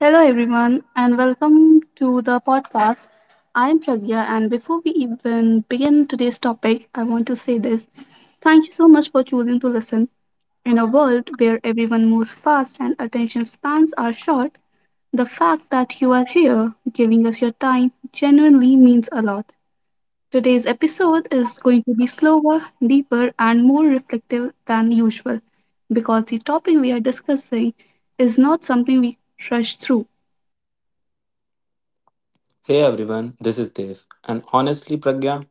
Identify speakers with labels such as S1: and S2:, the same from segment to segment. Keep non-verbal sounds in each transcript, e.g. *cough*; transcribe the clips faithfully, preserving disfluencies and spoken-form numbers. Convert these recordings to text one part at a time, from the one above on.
S1: Hello, everyone, and welcome to the podcast. I'm Pragya, and before we even begin today's topic, I want to say this. Thank you so much for choosing to listen. In a world where everyone moves fast and attention spans are short, the fact that you are here giving us your time genuinely means a lot. Today's episode is going to be slower, deeper, and more reflective than usual because the topic we are discussing is not something we rush through.
S2: Hey everyone, this is Dev. And honestly, Pragya,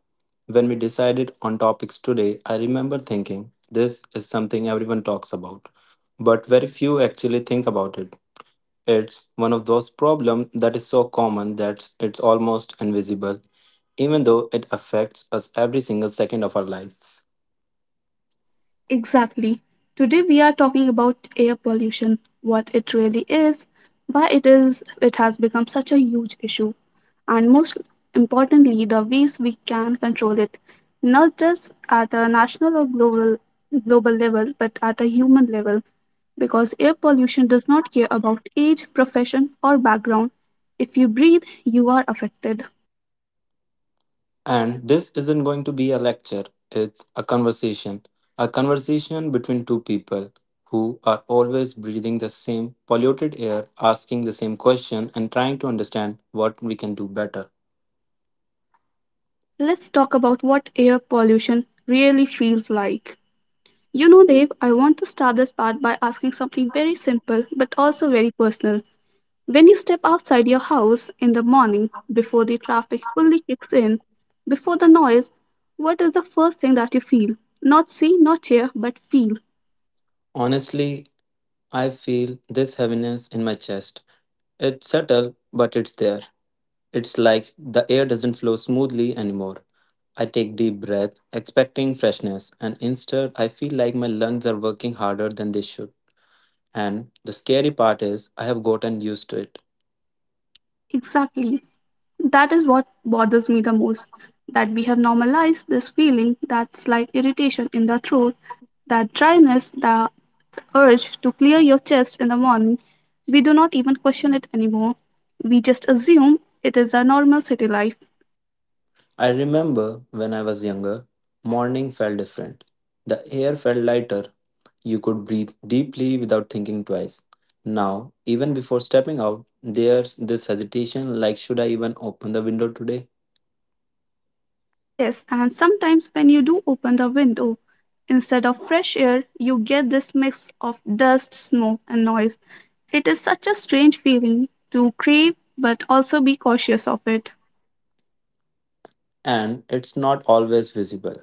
S2: when we decided on topics today, I remember thinking this is something everyone talks about, but very few actually think about it. It's one of those problems that is so common that it's almost invisible, even though it affects us every single second of our lives.
S1: Exactly. Today we are talking about air pollution, what it really is, why it is it has become such a huge issue, and most importantly the ways we can control it, not just at a national or global global level, but at a human level because air pollution does not care about age, profession, or background. If you breathe, you are affected.
S2: And this isn't going to be a lecture, it's a conversation. A conversation between two people who are always breathing the same polluted air, asking the same question, and trying to understand what we can do better.
S1: Let's talk about what air pollution really feels like. You know, Dave, I want to start this part by asking something very simple but also very personal. When you step outside your house in the morning, before the traffic fully kicks in, before the noise, what is the first thing that you feel? Not see, not hear, but feel.
S2: Honestly, I feel this heaviness in my chest. It's subtle, but it's there. It's like the air doesn't flow smoothly anymore. I take deep breath, expecting freshness, and instead I feel like my lungs are working harder than they should. And the scary part is, I have gotten used to it.
S1: Exactly. That is what bothers me the most. That we have normalized this feeling, that's like irritation in the throat, that dryness, the urge to clear your chest in the morning, we do not even question it anymore. We just assume it is a normal city life.
S2: I remember when I was younger, morning felt different. The air felt lighter. You could breathe deeply without thinking twice. Now, even before stepping out, there's this hesitation like, should I even open the window today?
S1: Yes, and sometimes when you do open the window, instead of fresh air, you get this mix of dust, smoke, and noise. It is such a strange feeling to crave but also be cautious of it.
S2: And it's not always visible,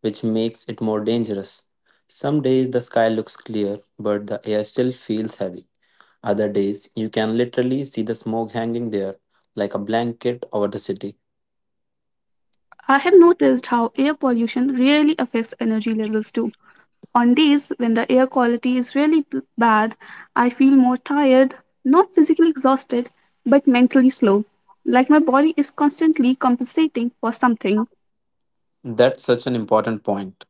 S2: which makes it more dangerous. Some days the sky looks clear, but the air still feels heavy. Other days, you can literally see the smoke hanging there like a blanket over the city.
S1: I have noticed how air pollution really affects energy levels too. On days when the air quality is really b- bad, I feel more tired, not physically exhausted, but mentally slow, like my body is constantly compensating for something.
S2: That's such an important point.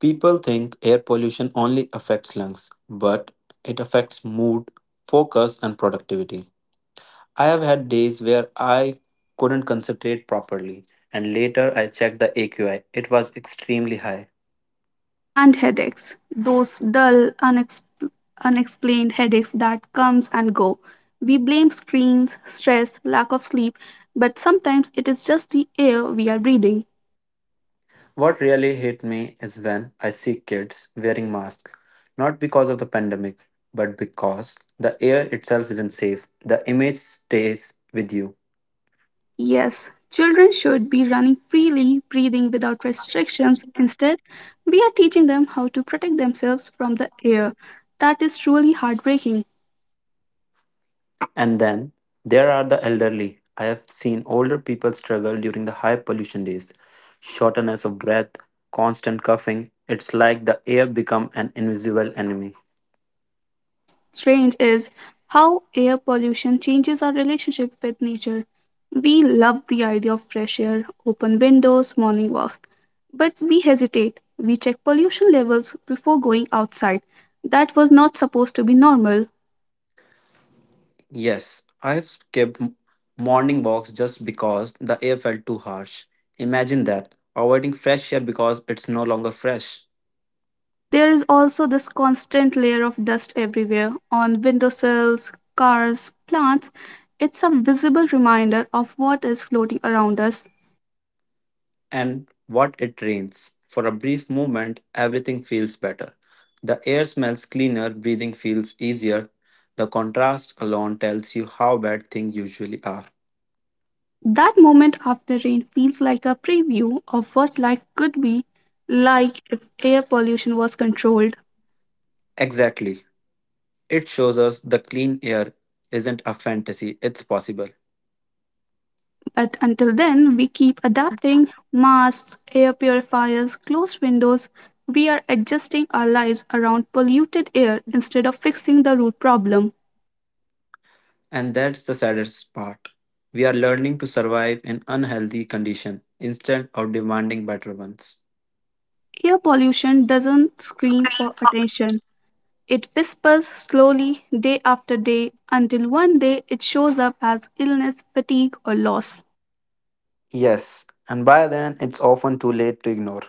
S2: People think air pollution only affects lungs, but it affects mood, focus, and productivity. I have had days where I couldn't concentrate properly, and later I checked the A Q I. It was extremely high.
S1: And headaches, those dull, unexp- unexplained headaches that comes and go. We blame screens, stress, lack of sleep, but sometimes it is just the air we are breathing.
S2: What really hit me is when I see kids wearing masks, not because of the pandemic, but because the air itself isn't safe. The image stays with you.
S1: Yes, children should be running freely, breathing without restrictions. Instead, we are teaching them how to protect themselves from the air. That is truly heartbreaking.
S2: And then there are the elderly. I have seen older people struggle during the high pollution days. Shortness of breath, constant coughing. It's like the air become an invisible enemy.
S1: What's strange is how air pollution changes our relationship with nature. We love the idea of fresh air, open windows, morning walks, but we hesitate. We check pollution levels before going outside. That was not supposed to be normal.
S2: Yes, I've skipped m- morning walks just because the air felt too harsh. Imagine that, avoiding fresh air because it's no longer fresh.
S1: There is also this constant layer of dust everywhere on windowsills, cars, plants. It's a visible reminder of what is floating around us.
S2: And what it rains. For a brief moment, everything feels better. The air smells cleaner, breathing feels easier. The contrast alone tells you how bad things usually are.
S1: That moment after rain feels like a preview of what life could be like if air pollution was controlled.
S2: Exactly. It shows us the clean air isn't a fantasy, it's possible.
S1: But until then, we keep adapting masks, air purifiers, closed windows. We are adjusting our lives around polluted air instead of fixing the root problem.
S2: And that's the saddest part. We are learning to survive in unhealthy condition instead of demanding better ones.
S1: Air pollution doesn't scream for attention. It whispers slowly day after day until one day it shows up as illness, fatigue, or loss.
S2: Yes, and by then it's often too late to ignore.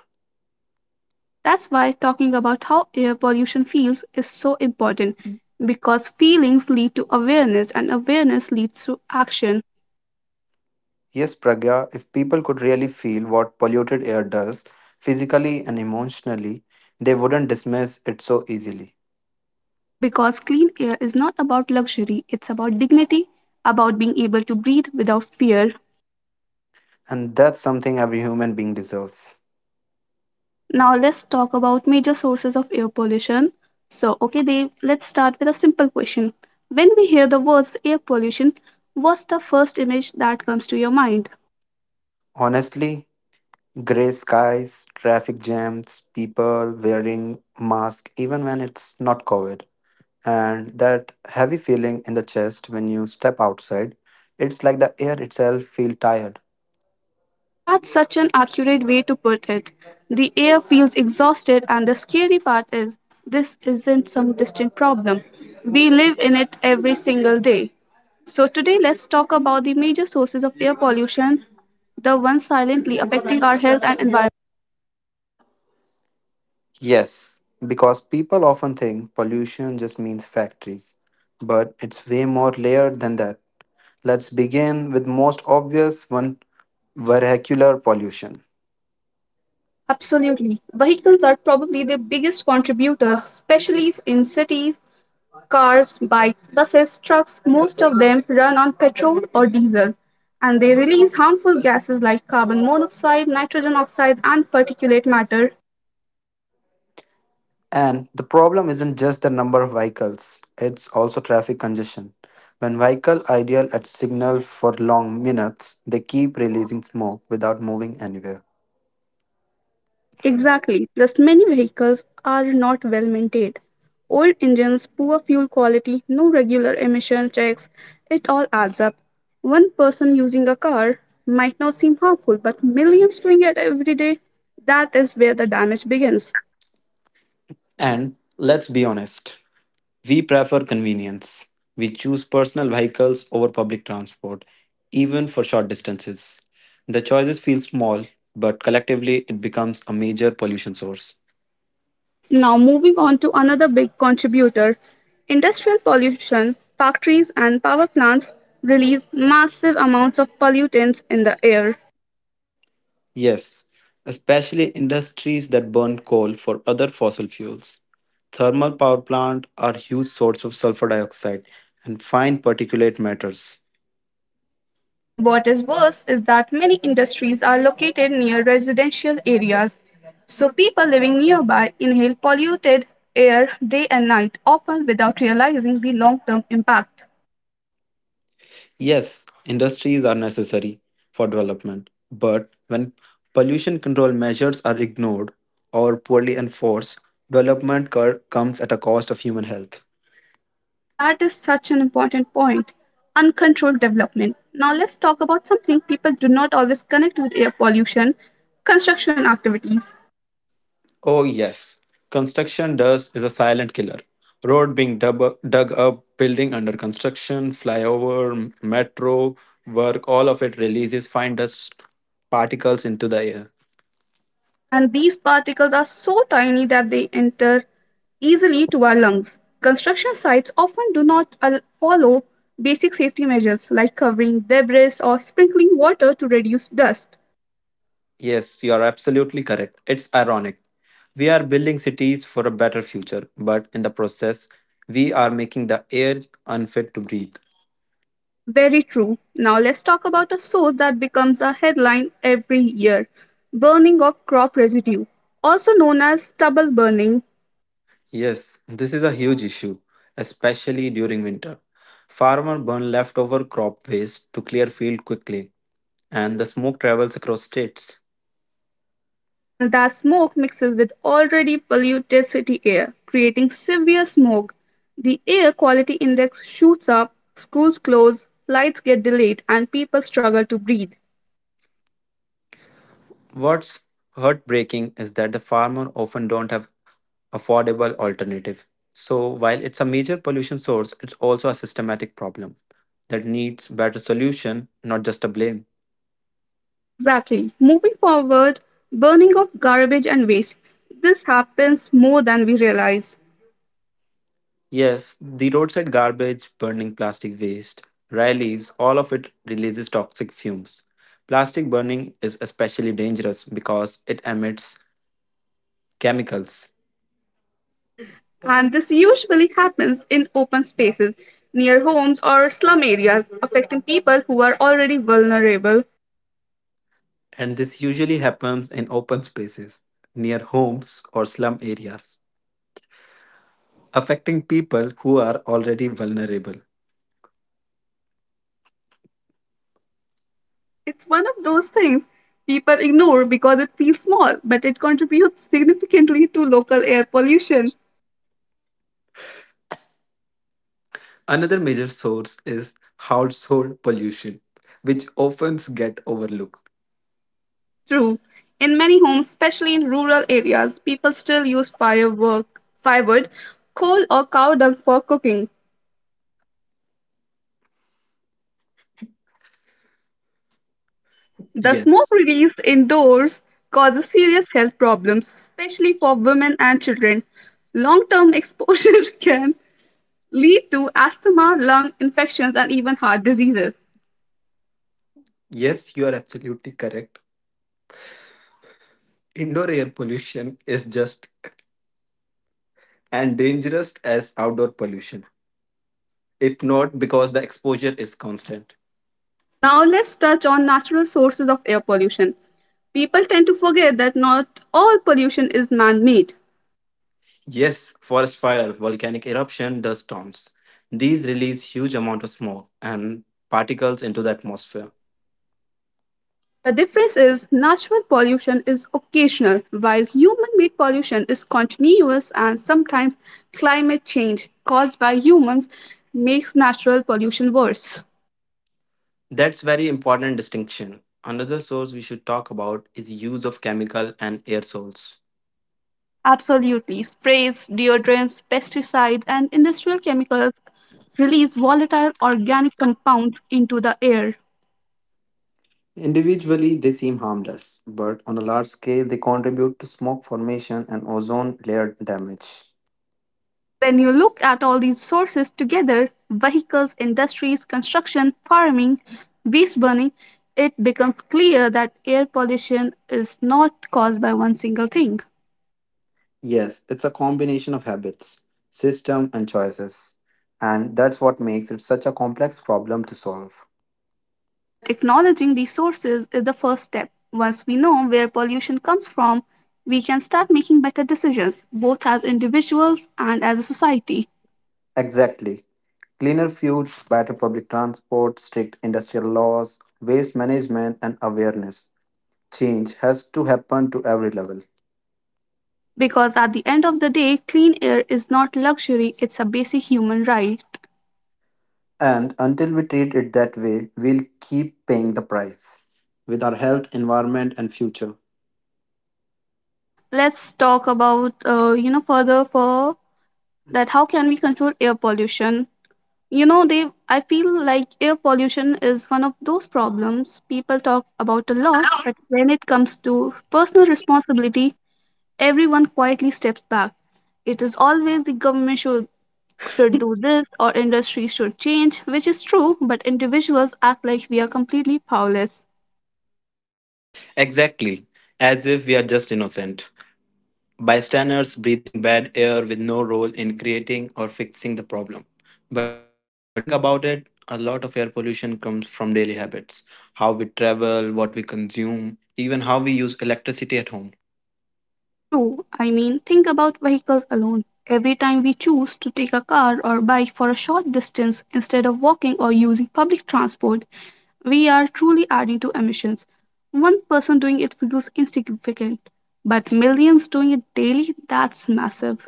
S1: That's why talking about how air pollution feels is so important because feelings lead to awareness and awareness leads to action.
S2: Yes, Pragya, if people could really feel what polluted air does, physically and emotionally, they wouldn't dismiss it so easily.
S1: Because clean air is not about luxury, it's about dignity, about being able to breathe without fear.
S2: And that's something every human being deserves.
S1: Now let's talk about major sources of air pollution. So, okay, Dave, let's start with a simple question. When we hear the words air pollution, what's the first image that comes to your mind?
S2: Honestly, grey skies, traffic jams, people wearing masks even when it's not COVID, and that heavy feeling in the chest when you step outside, it's like the air itself feel tired.
S1: That's such an accurate way to put it. The air feels exhausted, and the scary part is this isn't some distant problem. We live in it every single day. So, today let's talk about the major sources of air pollution, the ones silently affecting our health and environment.
S2: Yes, because people often think pollution just means factories, but it's way more layered than that. Let's begin with most obvious one, vehicular pollution.
S1: Absolutely. Vehicles are probably the biggest contributors, especially in cities. Cars, bikes, buses, trucks, most of them run on petrol or diesel, and they release harmful gases like carbon monoxide, nitrogen oxide, and particulate matter.
S2: And the problem isn't just the number of vehicles, it's also traffic congestion. When vehicles idle at signal for long minutes, they keep releasing smoke without moving anywhere.
S1: Exactly. Plus, many vehicles are not well maintained. Old engines, poor fuel quality, no regular emission checks, it all adds up. One person using a car might not seem harmful, but millions doing it every day, that is where the damage begins.
S2: And let's be honest, we prefer convenience. We choose personal vehicles over public transport, even for short distances. The choices feel small, but collectively it becomes a major pollution source.
S1: Now, moving on to another big contributor, industrial pollution, factories and power plants release massive amounts of pollutants in the air.
S2: Yes, especially industries that burn coal for other fossil fuels. Thermal power plants are huge source of sulfur dioxide and fine particulate matters.
S1: And what is worse is that many industries are located near residential areas. So people living nearby inhale polluted air day and night, often without realizing the long term impact.
S2: Yes, industries are necessary for development, but when pollution control measures are ignored or poorly enforced, development cur- comes at a cost of human health.
S1: That is such an important point. Uncontrolled development. Now let's talk about something people do not always connect with air pollution, construction activities.
S2: Oh, yes, construction dust is a silent killer. Road being dub- dug up, building under construction, flyover, m- metro work, all of it releases fine dust particles into the air.
S1: And these particles are so tiny that they enter easily to our lungs. Construction sites often do not al- follow basic safety measures like covering debris or sprinkling water to reduce dust.
S2: Yes, you are absolutely correct. It's ironic. We are building cities for a better future, but in the process, we are making the air unfit to breathe.
S1: Very true. Now let's talk about a source that becomes a headline every year, burning of crop residue, also known as stubble burning.
S2: Yes, this is a huge issue, especially during winter. Farmers burn leftover crop waste to clear field quickly, and the smoke travels across states.
S1: And that smoke mixes with already polluted city air, creating severe smog. The air quality index shoots up, schools close, flights get delayed, and people struggle to breathe.
S2: What's heartbreaking is that the farmer often don't have affordable alternative. So while it's a major pollution source, it's also a systematic problem that needs better solution, not just a blame.
S1: Exactly. Moving forward, burning of garbage and waste. This happens more than we realize.
S2: Yes, the roadside garbage, burning plastic waste, dry leaves, all of it releases toxic fumes. Plastic burning is especially dangerous because it emits chemicals,
S1: And this usually happens in open spaces, near homes or slum areas, affecting people who are already vulnerable.
S2: and this usually happens in open spaces, near homes or slum areas, affecting people who are already vulnerable.
S1: It's one of those things people ignore because it feels small, but it contributes significantly to local air pollution.
S2: Another major source is household pollution, which often get overlooked.
S1: True. In many homes, especially in rural areas, people still use firework, firewood, coal, or cow dung for cooking. The smoke
S2: Yes,
S1: released indoors causes serious health problems, especially for women and children. Long term exposure *laughs* can lead to asthma, lung infections, and even heart diseases.
S2: yes, you are absolutely correct. Indoor air pollution is just and dangerous as outdoor pollution, if not because the exposure is constant.
S1: Now let's touch on natural sources of air pollution. People tend to forget that not all pollution is man made.
S2: Yes, forest fire, volcanic eruption, dust storms. These release huge amount of smoke and particles into the atmosphere.
S1: But the difference is natural pollution is occasional, while human made pollution is continuous, and sometimes climate change caused by humans makes natural pollution worse.
S2: That's very important distinction. Another source we should talk about is use of chemical and aerosols.
S1: Absolutely. Sprays, deodorants, pesticides, and industrial chemicals release volatile organic compounds into the air.
S2: Individually, they seem harmless, but on a large scale, they contribute to smoke formation and ozone layer damage.
S1: When you look at all these sources together, vehicles, industries, construction, farming, waste burning, it becomes clear that air pollution is not caused by one single thing.
S2: Yes, it's a combination of habits, system, and choices. And that's what makes it such a complex problem to solve.
S1: But acknowledging these sources is the first step. Once we know where pollution comes from, we can start making better decisions, both as individuals and as a society.
S2: Exactly. Cleaner fuel, better public transport, strict industrial laws, waste management, and awareness. Change has to happen to every level.
S1: Because at the end of the day, clean air is not luxury, it's a basic human right.
S2: And until we treat it that way, we'll keep paying the price with our health, environment, and future.
S1: Let's talk about, uh, you know, further for that, how can we control air pollution. You know they i feel like air pollution is one of those problems people talk about a lot, but when it comes to personal responsibility, everyone quietly steps back. It is always the government should should do this, or industry should change, which is true, but individuals act like we are completely powerless.
S2: Exactly, as if we are just innocent bystanders breathing bad air with no role in creating or fixing the problem. But when you really think about it, a lot of air pollution comes from daily habits: how we travel, what we consume, even how we use electricity at home.
S1: True i mean, think about vehicles alone. Every time we choose to take a car or bike for a short distance instead of walking or using public transport, we are truly adding to emissions. One person doing it feels insignificant, but millions doing it daily, that's massive.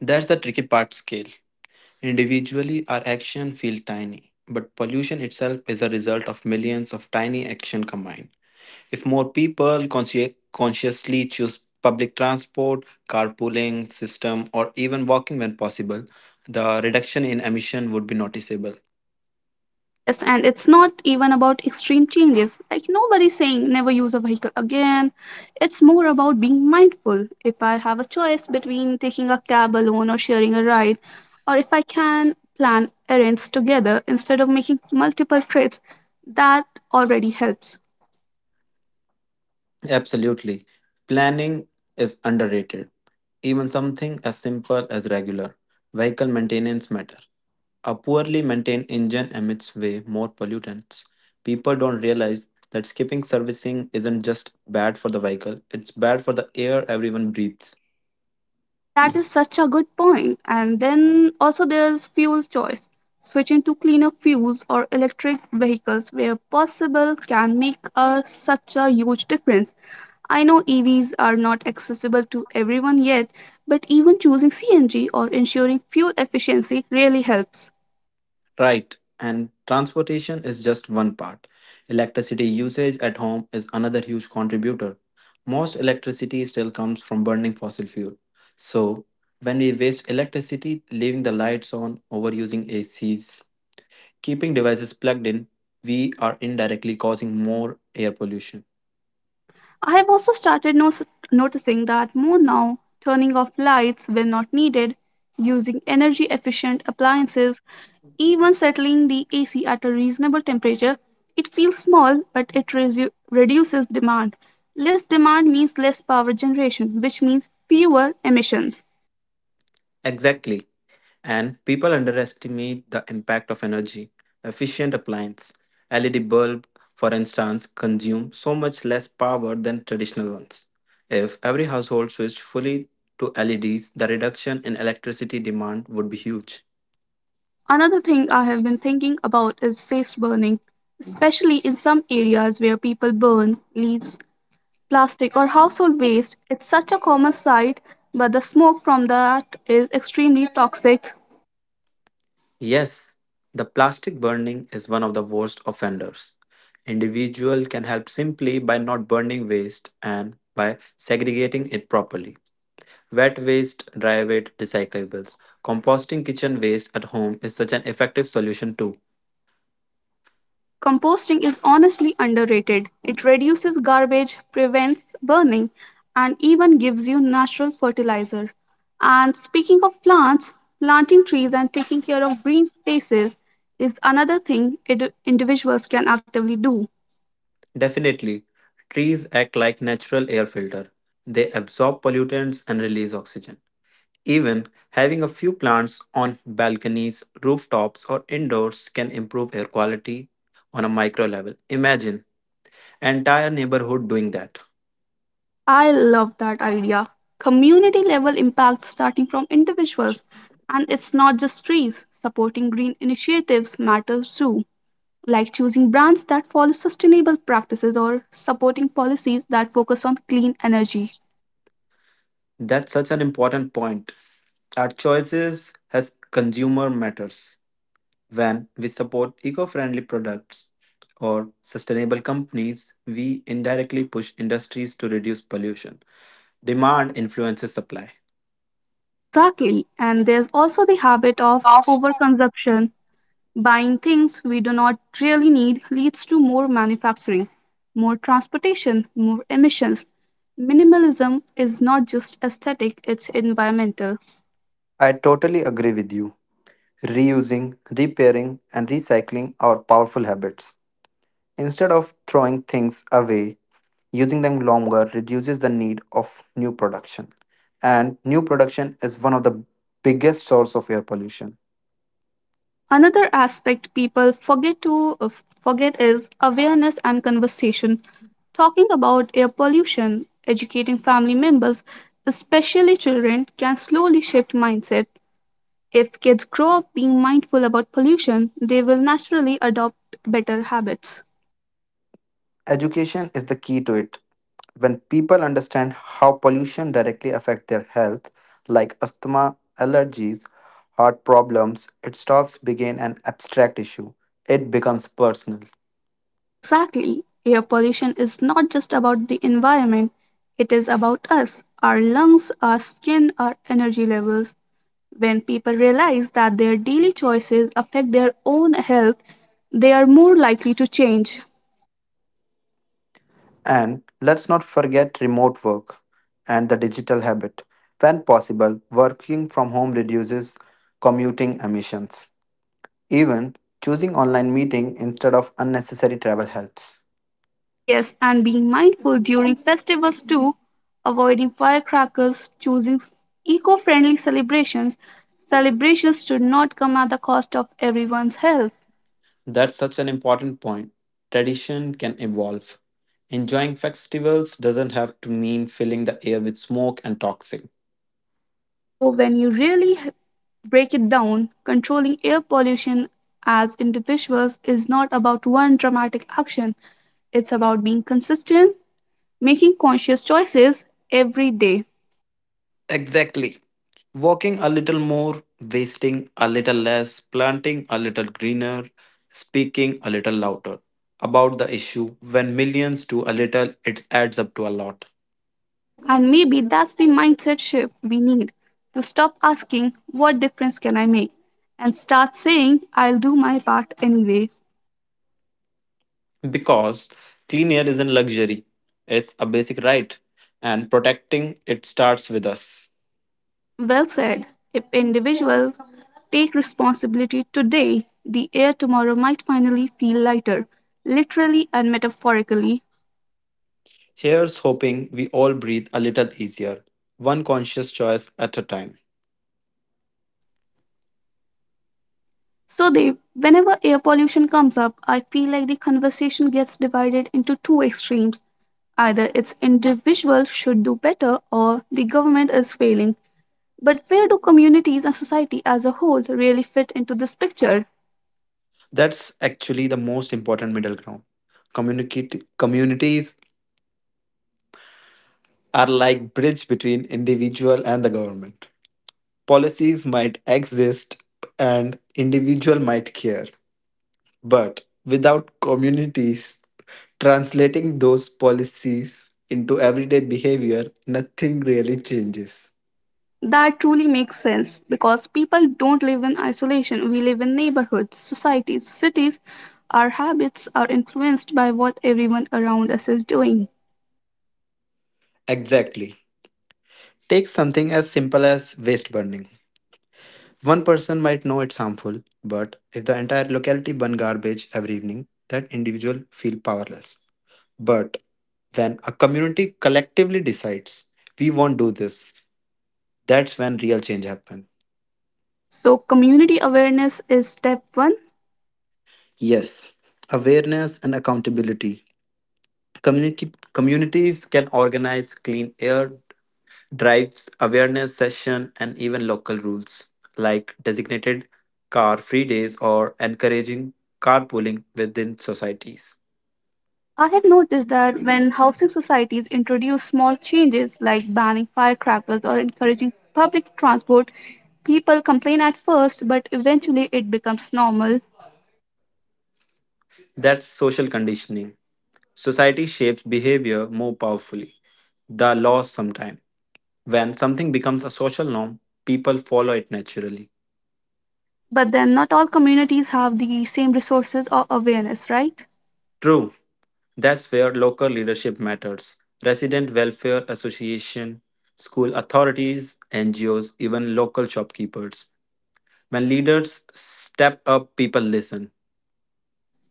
S2: That's the tricky part: scale. Individually, our actions feel tiny, but pollution itself is a result of millions of tiny actions combined. If more people consci- consciously choose public transport, carpooling system, or even walking when possible, the reduction in emission would be noticeable.
S1: Yes, and it's not even about extreme changes. Like nobody's saying never use a vehicle again. It's more about being mindful. If I have a choice between taking a cab alone or sharing a ride, or if I can plan errands together instead of making multiple trips, that already helps.
S2: Absolutely. Planning is underrated. Even something as simple as regular vehicle maintenance matter. A poorly maintained engine emits way more pollutants. People don't realize that skipping servicing isn't just bad for the vehicle, it's bad for the air everyone breathes.
S1: That is such a good point. And then also there's fuel choice. Switching to cleaner fuels or electric vehicles where possible can make a, such a huge difference. I know E Vs are not accessible to everyone yet, but even choosing C N G or ensuring fuel efficiency really helps.
S2: Right, and transportation is just one part. Electricity usage at home is another huge contributor. Most electricity still comes from burning fossil fuel. So, when we waste electricity leaving the lights on, overusing A Cs, keeping devices plugged in, we are indirectly causing more air pollution.
S1: I have also started no- noticing that more now, turning off lights when not needed, using energy efficient appliances, even settling the A C at a reasonable temperature. It feels small, but it resu- reduces demand. Less demand means less power generation, which means fewer emissions.
S2: Exactly. And people underestimate the impact of energy. Efficient appliance, L E D bulb, for instance, consume so much less power than traditional ones. If every household switched fully to L E Ds, the reduction in electricity demand would be huge.
S1: Another thing I have been thinking about is waste burning, especially in some areas where people burn leaves, plastic, or household waste. It's such a common sight, but the smoke from that is extremely toxic.
S2: Yes, the plastic burning is one of the worst offenders. Individual can help simply by not burning waste and by segregating it properly. Wet waste, dry waste, recyclables. Composting kitchen waste at home is such an effective solution too.
S1: Composting is honestly underrated. It reduces garbage, prevents burning, and even gives you natural fertilizer. And speaking of plants, planting trees and taking care of green spaces is another thing indi- individuals can actively do.
S2: Definitely, trees act like natural air filter. They absorb pollutants and release oxygen. Even having a few plants on balconies, rooftops, or indoors can improve air quality on a micro level. Imagine an entire neighborhood doing that.
S1: I love that idea. Community level impact starting from individuals. And it's not just trees. Supporting green initiatives matters too, like choosing brands that follow sustainable practices or supporting policies that focus on clean energy.
S2: That's such an important point. Our choices as consumer matters. When we support eco friendly products or sustainable companies, we indirectly push industries to reduce pollution. Demand influences supply.
S1: Exactly. And there's also the habit of overconsumption. Buying things we do not really need leads to more manufacturing, more transportation, more emissions. Minimalism is not just aesthetic, it's environmental.
S2: I totally agree with you. Reusing, repairing, and recycling are powerful habits. Instead of throwing things away, using them longer reduces the need of new production. And new production is one of the biggest source of air pollution.
S1: Another aspect people forget to uh, forget is awareness and conversation. Talking about air pollution, educating family members, especially children, can slowly shift mindset. If kids grow up being mindful about pollution, they will naturally adopt better habits.
S2: Education is the key to it. When people understand how pollution directly affects their health, like asthma, allergies, heart problems, it stops being an abstract issue. It becomes personal.
S1: Exactly. Air pollution is not just about the environment, it is about us, our lungs, our skin, our energy levels. When people realize that their daily choices affect their own health, they are more likely to change.
S2: And let's not forget remote work and the digital habit. When possible, working from home reduces commuting emissions. Even choosing online meeting instead of unnecessary travel helps.
S1: Yes, and being mindful during festivals too, avoiding firecrackers, choosing eco friendly celebrations. Celebrations should not come at the cost of everyone's health.
S2: That's such an important point. Tradition can evolve. Enjoying festivals doesn't have to mean filling the air with smoke and toxic.
S1: So, when you really h- break it down, controlling air pollution as individuals is not about one dramatic action, it's about being consistent, making conscious choices every day.
S2: Exactly. Walking a little more, wasting a little less, planting a little greener, speaking a little louder about the issue. When millions do a little, it adds up to a lot.
S1: And maybe that's the mindset shift we need, to stop asking, "What difference can I make?" and start saying, "I'll do my part anyway."
S2: Because clean air isn't luxury, it's a basic right, and protecting it starts with us.
S1: Well said. If individuals take responsibility today, the air tomorrow might finally feel lighter, literally and metaphorically.
S2: Here's hoping we all breathe a little easier, one conscious choice at a time.
S1: So they, whenever air pollution comes up, I feel like the conversation gets divided into two extremes. Either it's individuals should do better, or the government is failing. But where do communities and society as a whole really fit into this picture?
S2: That's actually the most important middle ground. Communicate- communities are like bridge between individual and the government. Policies might exist and individual might care, but without communities translating those policies into everyday behavior, nothing really changes.
S1: That truly makes sense because people don't live in isolation. We live in neighborhoods, societies, cities. Our habits are influenced by what everyone around us is doing.
S2: Exactly. Take something as simple as waste burning. One person might know it's harmful, but if the entire locality burn garbage every evening, that individual feel powerless. But when a community collectively decides we won't do this, that's when real change happens.
S1: So, community awareness is step one.
S2: Yes, awareness and accountability. Communi- communities can organize clean air drives, awareness session, and even local rules like designated car-free days or encouraging carpooling within societies.
S1: I have noticed that when housing societies introduce small changes like banning firecrackers or encouraging public transport, people complain at first, but eventually it becomes normal.
S2: That's social conditioning. Society shapes behavior more powerfully. The laws sometimes. When something becomes a social norm, people follow it naturally.
S1: But then, not all communities have the same resources or awareness, right?
S2: True, that's where local leadership matters. Resident Welfare Association, school authorities, N G Os, even local shopkeepers. When leaders step up, people listen.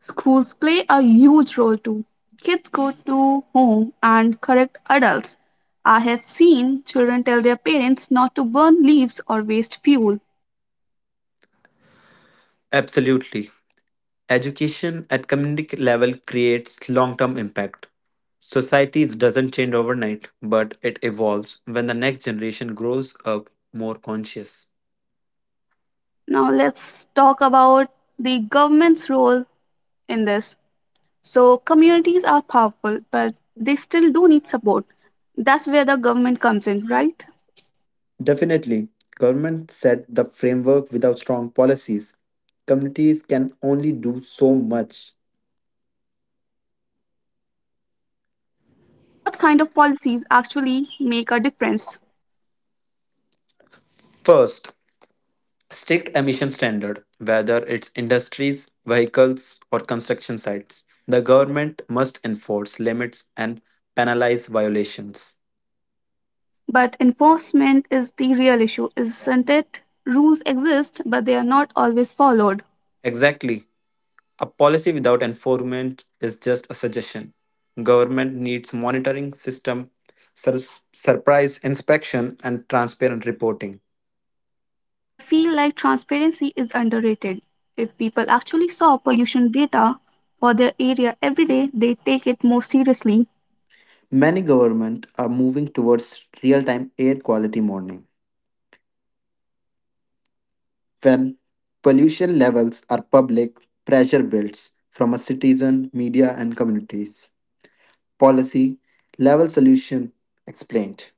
S1: Schools play a huge role too. Kids go to home and correct adults. I have seen children tell their parents not to burn leaves or waste fuel.
S2: Absolutely. Education at community level creates long term impact. Society doesn't change overnight, but it evolves when the next generation grows up more conscious.
S1: Now let's talk about the government's role in this. So communities are powerful, but they still do need support. That's where the government comes in, right?
S2: Definitely, government set the framework without strong policies. Communities can only do so much.
S1: What kind of policies actually make a difference?
S2: First, strict emission standard, whether it's industries, vehicles, or construction sites. The government must enforce limits and penalize violations.
S1: But enforcement is the real issue, isn't it? Rules exist, but they are not always followed.
S2: Exactly. A policy without enforcement is just a suggestion. Government needs monitoring system, sur- surprise inspection and transparent reporting.
S1: I feel like transparency is underrated. If people actually saw pollution data for their area every day, they take it more seriously.
S2: Many government are moving towards real-time air quality monitoring. When pollution levels are public, pressure builds from a citizen, media and communities. Policy level solution explained.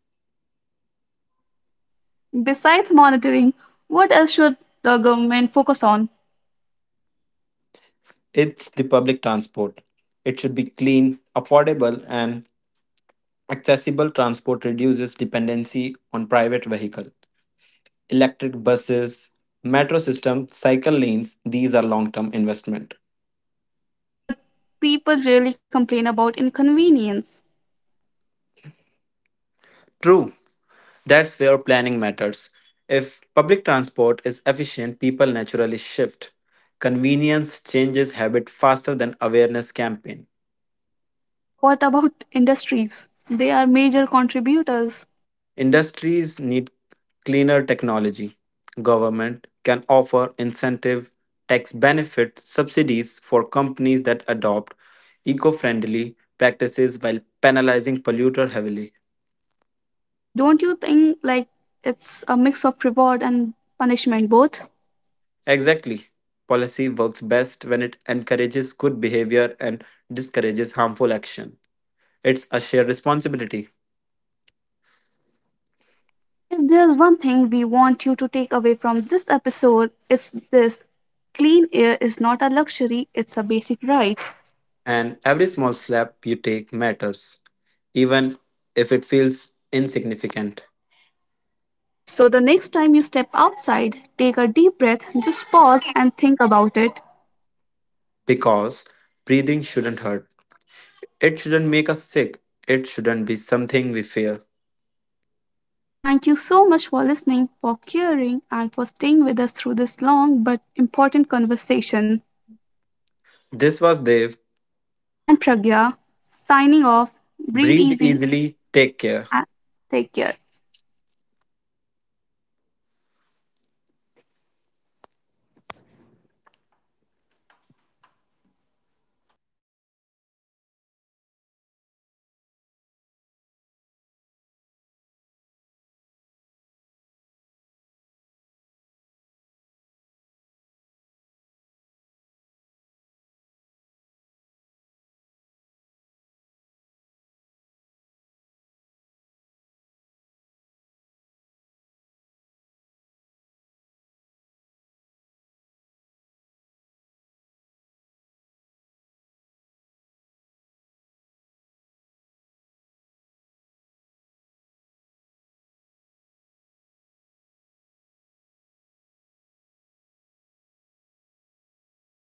S1: Besides monitoring, what else should the government focus on?
S2: It's the public transport. It should be clean, affordable and accessible transport reduces dependency on private vehicle. Electric buses, metro system, cycle lanes, these are long-term investment.
S1: But people really complain about inconvenience.
S2: True, that's where planning matters. If public transport is efficient, people naturally shift. Convenience changes habit faster than awareness campaign.
S1: What about industries? They are major contributors.
S2: Industries need cleaner technology. Government can offer incentive, tax benefit, subsidies for companies that adopt eco-friendly practices while penalizing polluter heavily.
S1: Don't you think, like, it's a mix of reward and punishment both?
S2: Exactly. Policy works best when it encourages good behavior and discourages harmful action. It's a shared responsibility,
S1: If there's one thing we want you to take away from this episode, it's this, clean air is not a luxury, it's a basic right.
S2: and every small slap you take matters, even if it feels insignificant,
S1: So the next time you step outside, take a deep breath, just pause and think about it.
S2: because breathing shouldn't hurt. It shouldn't make us sick. It shouldn't be something we fear.
S1: Thank you so much for listening, for caring, and for staying with us through this long but important conversation.
S2: This was Dev.
S1: I'm Pragya, signing off. Breathe
S2: Breathe
S1: easy
S2: easily. Take care.
S1: and take care.